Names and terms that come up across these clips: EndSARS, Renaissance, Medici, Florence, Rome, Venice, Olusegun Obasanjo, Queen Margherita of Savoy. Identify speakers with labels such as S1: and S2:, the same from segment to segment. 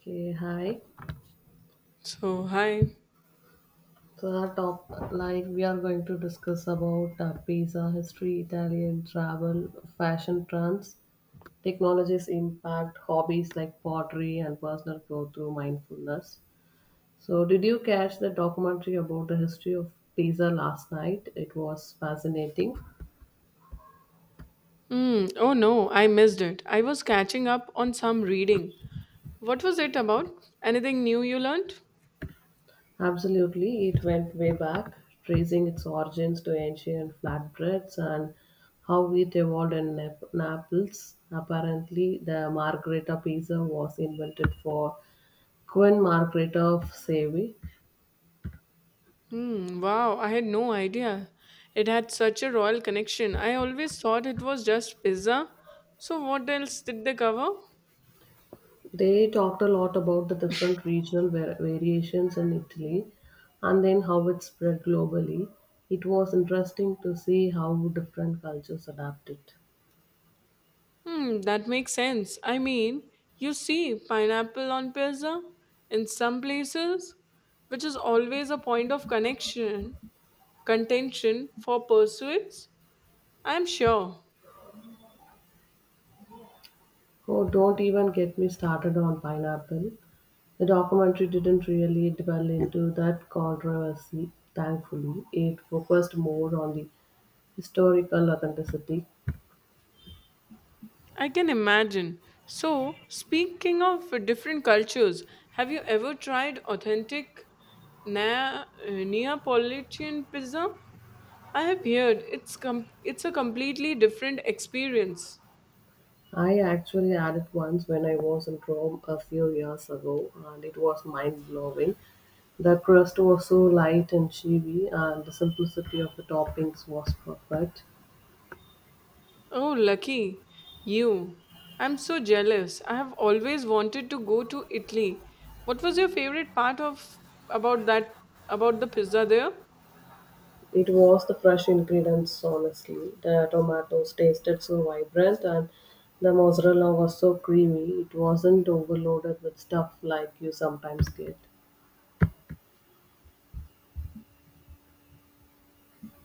S1: Okay, hi.
S2: So, hi.
S1: So our top, like we are going to discuss about pizza history, Italian travel, fashion trends, technology's impact, hobbies like pottery and personal growth through mindfulness. So did you catch the documentary about the history of pizza last night? It was fascinating.
S2: Hmm. Oh no, I missed it. I was catching up on some reading. What was it about? Anything new you learned?
S1: Absolutely, it went way back, tracing its origins to ancient flatbreads and how it evolved in Naples. Apparently, the margherita pizza was invented for Queen Margherita of Savoy.
S2: Hmm, wow, I had no idea. It had such a royal connection. I always thought it was just pizza. So, what else did they cover?
S1: They talked a lot about the different regional variations in Italy and then how it spread globally. It was interesting to see how different cultures adapted.
S2: That makes sense. I mean, you see pineapple on pizza in some places, which is always a point of connection, contention for pursuits. I'm sure.
S1: Oh, don't even get me started on pineapple. The documentary didn't really delve into that controversy, thankfully; it focused more on the historical authenticity.
S2: I can imagine. So, speaking of different cultures, have you ever tried authentic Neapolitan pizza? I have heard it's a completely different experience.
S1: I actually had it once when I was in Rome a few years ago, and it was mind blowing. The crust was so light and chewy, and the simplicity of the toppings was perfect.
S2: Oh, lucky you. I'm so jealous. I have always wanted to go to Italy. What was your favorite part of about that about the pizza there?
S1: It was the fresh ingredients, honestly. The tomatoes tasted so vibrant, and the mozzarella was so creamy. It wasn't overloaded with stuff like you sometimes get.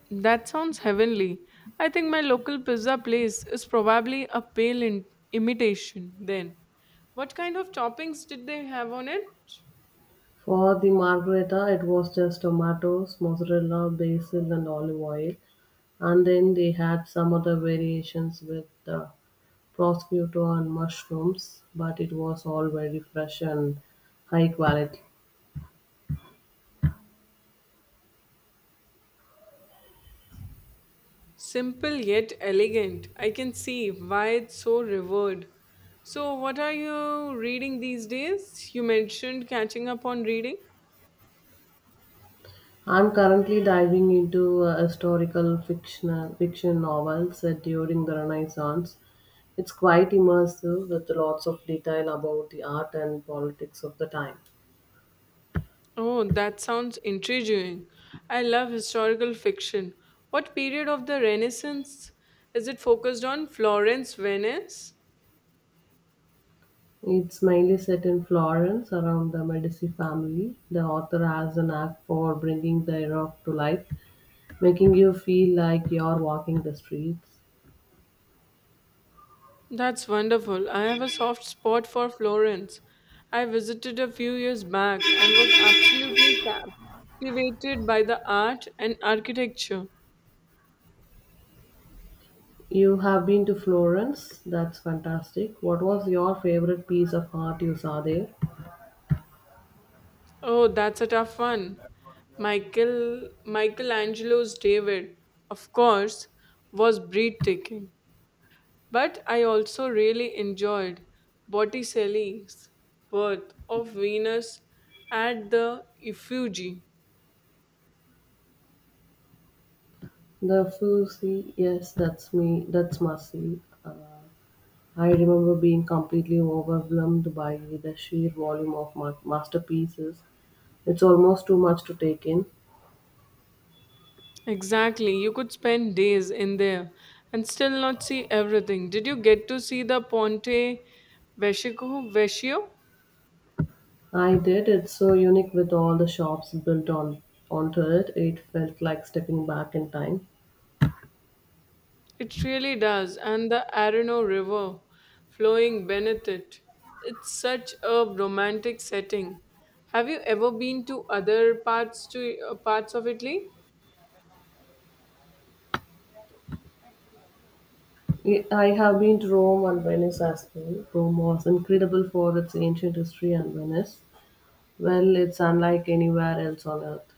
S2: That sounds heavenly. I think my local pizza place is probably a imitation then. What kind of toppings did they have on it?
S1: For the margherita, it was just tomatoes, mozzarella, basil, and olive oil. And then they had some other variations with the prosciutto and mushrooms, but it was all very fresh and high quality.
S2: Simple yet elegant. I can see why it's so revered. So, what are you reading these days? You mentioned catching up on reading.
S1: I'm currently diving into historical fiction, fiction novels set during the Renaissance. It's quite immersive with lots of detail about the art and politics of the time.
S2: Oh, that sounds intriguing. I love historical fiction. What period of the Renaissance is it focused on? Florence, Venice?
S1: It's mainly set in Florence around the Medici family. The author has an knack for bringing the era to life, making you feel like you're walking the streets.
S2: That's wonderful. I have a soft spot for Florence. I visited a few years back and was absolutely captivated by the art and architecture.
S1: You have been to Florence, that's fantastic. What was your favorite piece of art you saw there?
S2: Oh, that's a tough one. Michael Michelangelo's David, of course, was breathtaking. But I also really enjoyed Botticelli's Birth of Venus at the Uffizi.
S1: The Fuci. Yes, that's me, that's massive. I remember being completely overwhelmed by the sheer volume of masterpieces. It's almost too much to take in.
S2: Exactly. You could spend days in there and still not see everything. Did you get to see the Ponte Vecchio?
S1: I did. It's so unique with all the shops built on onto it. It felt like stepping back in time.
S2: It really does. And the Arno River flowing beneath it. It's such a romantic setting. Have you ever been to other parts to parts of Italy?
S1: I have been to Rome and Venice as well. Rome was incredible for its ancient history and Venice. Well, it's unlike anywhere else on earth.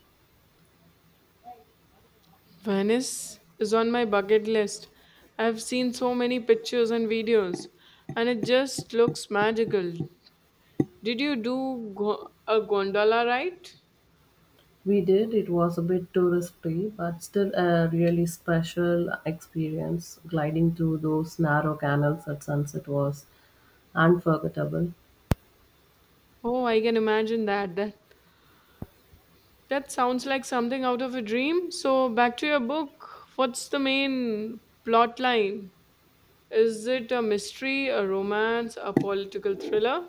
S2: Venice is on my bucket list. I've seen so many pictures and videos, and it just looks magical. Did you do a gondola ride?
S1: We did, it was a bit touristy, but still a really special experience. Gliding through those narrow canals at sunset was unforgettable.
S2: Oh, I can imagine that. That sounds like something out of a dream. So back to your book. What's the main plot line? Is it a mystery, a romance, a political thriller?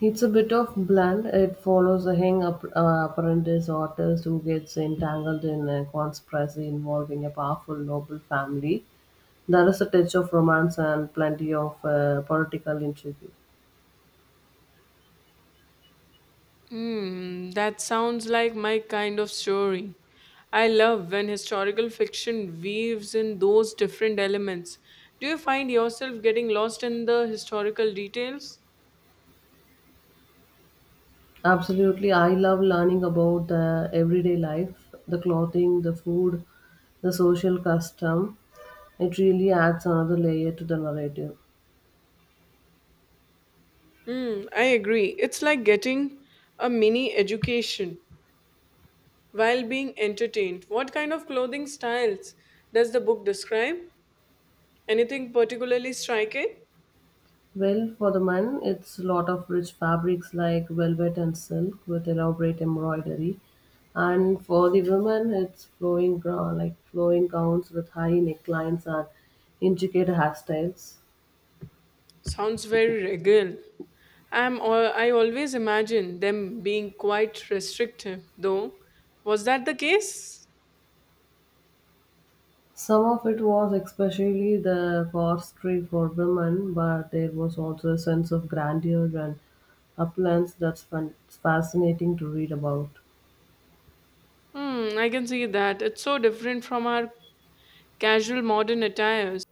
S1: It's a bit of blend. It follows a young apprentice artist who gets entangled in a conspiracy involving a powerful noble family. There is a touch of romance and plenty of political intrigue.
S2: Hmm, that sounds like my kind of story. I love when historical fiction weaves in those different elements. Do you find yourself getting lost in the historical details?
S1: Absolutely, I love learning about the everyday life, the clothing, the food, the social custom. It really adds another layer to the narrative.
S2: Mm, I agree. It's like getting a mini education while being entertained. What kind of clothing styles does the book describe? Anything particularly striking?
S1: Well, for the men, it's a lot of rich fabrics like velvet and silk with elaborate embroidery, and for the women, it's flowing flowing gowns with high necklines and intricate hairstyles.
S2: Sounds very regal. I always imagine them being quite restrictive, though. Was that the case?
S1: Some of it was especially the forestry for women, but there was also a sense of grandeur and uplands that's fascinating to read about.
S2: Hmm, I can see that. It's so different from our casual modern attires.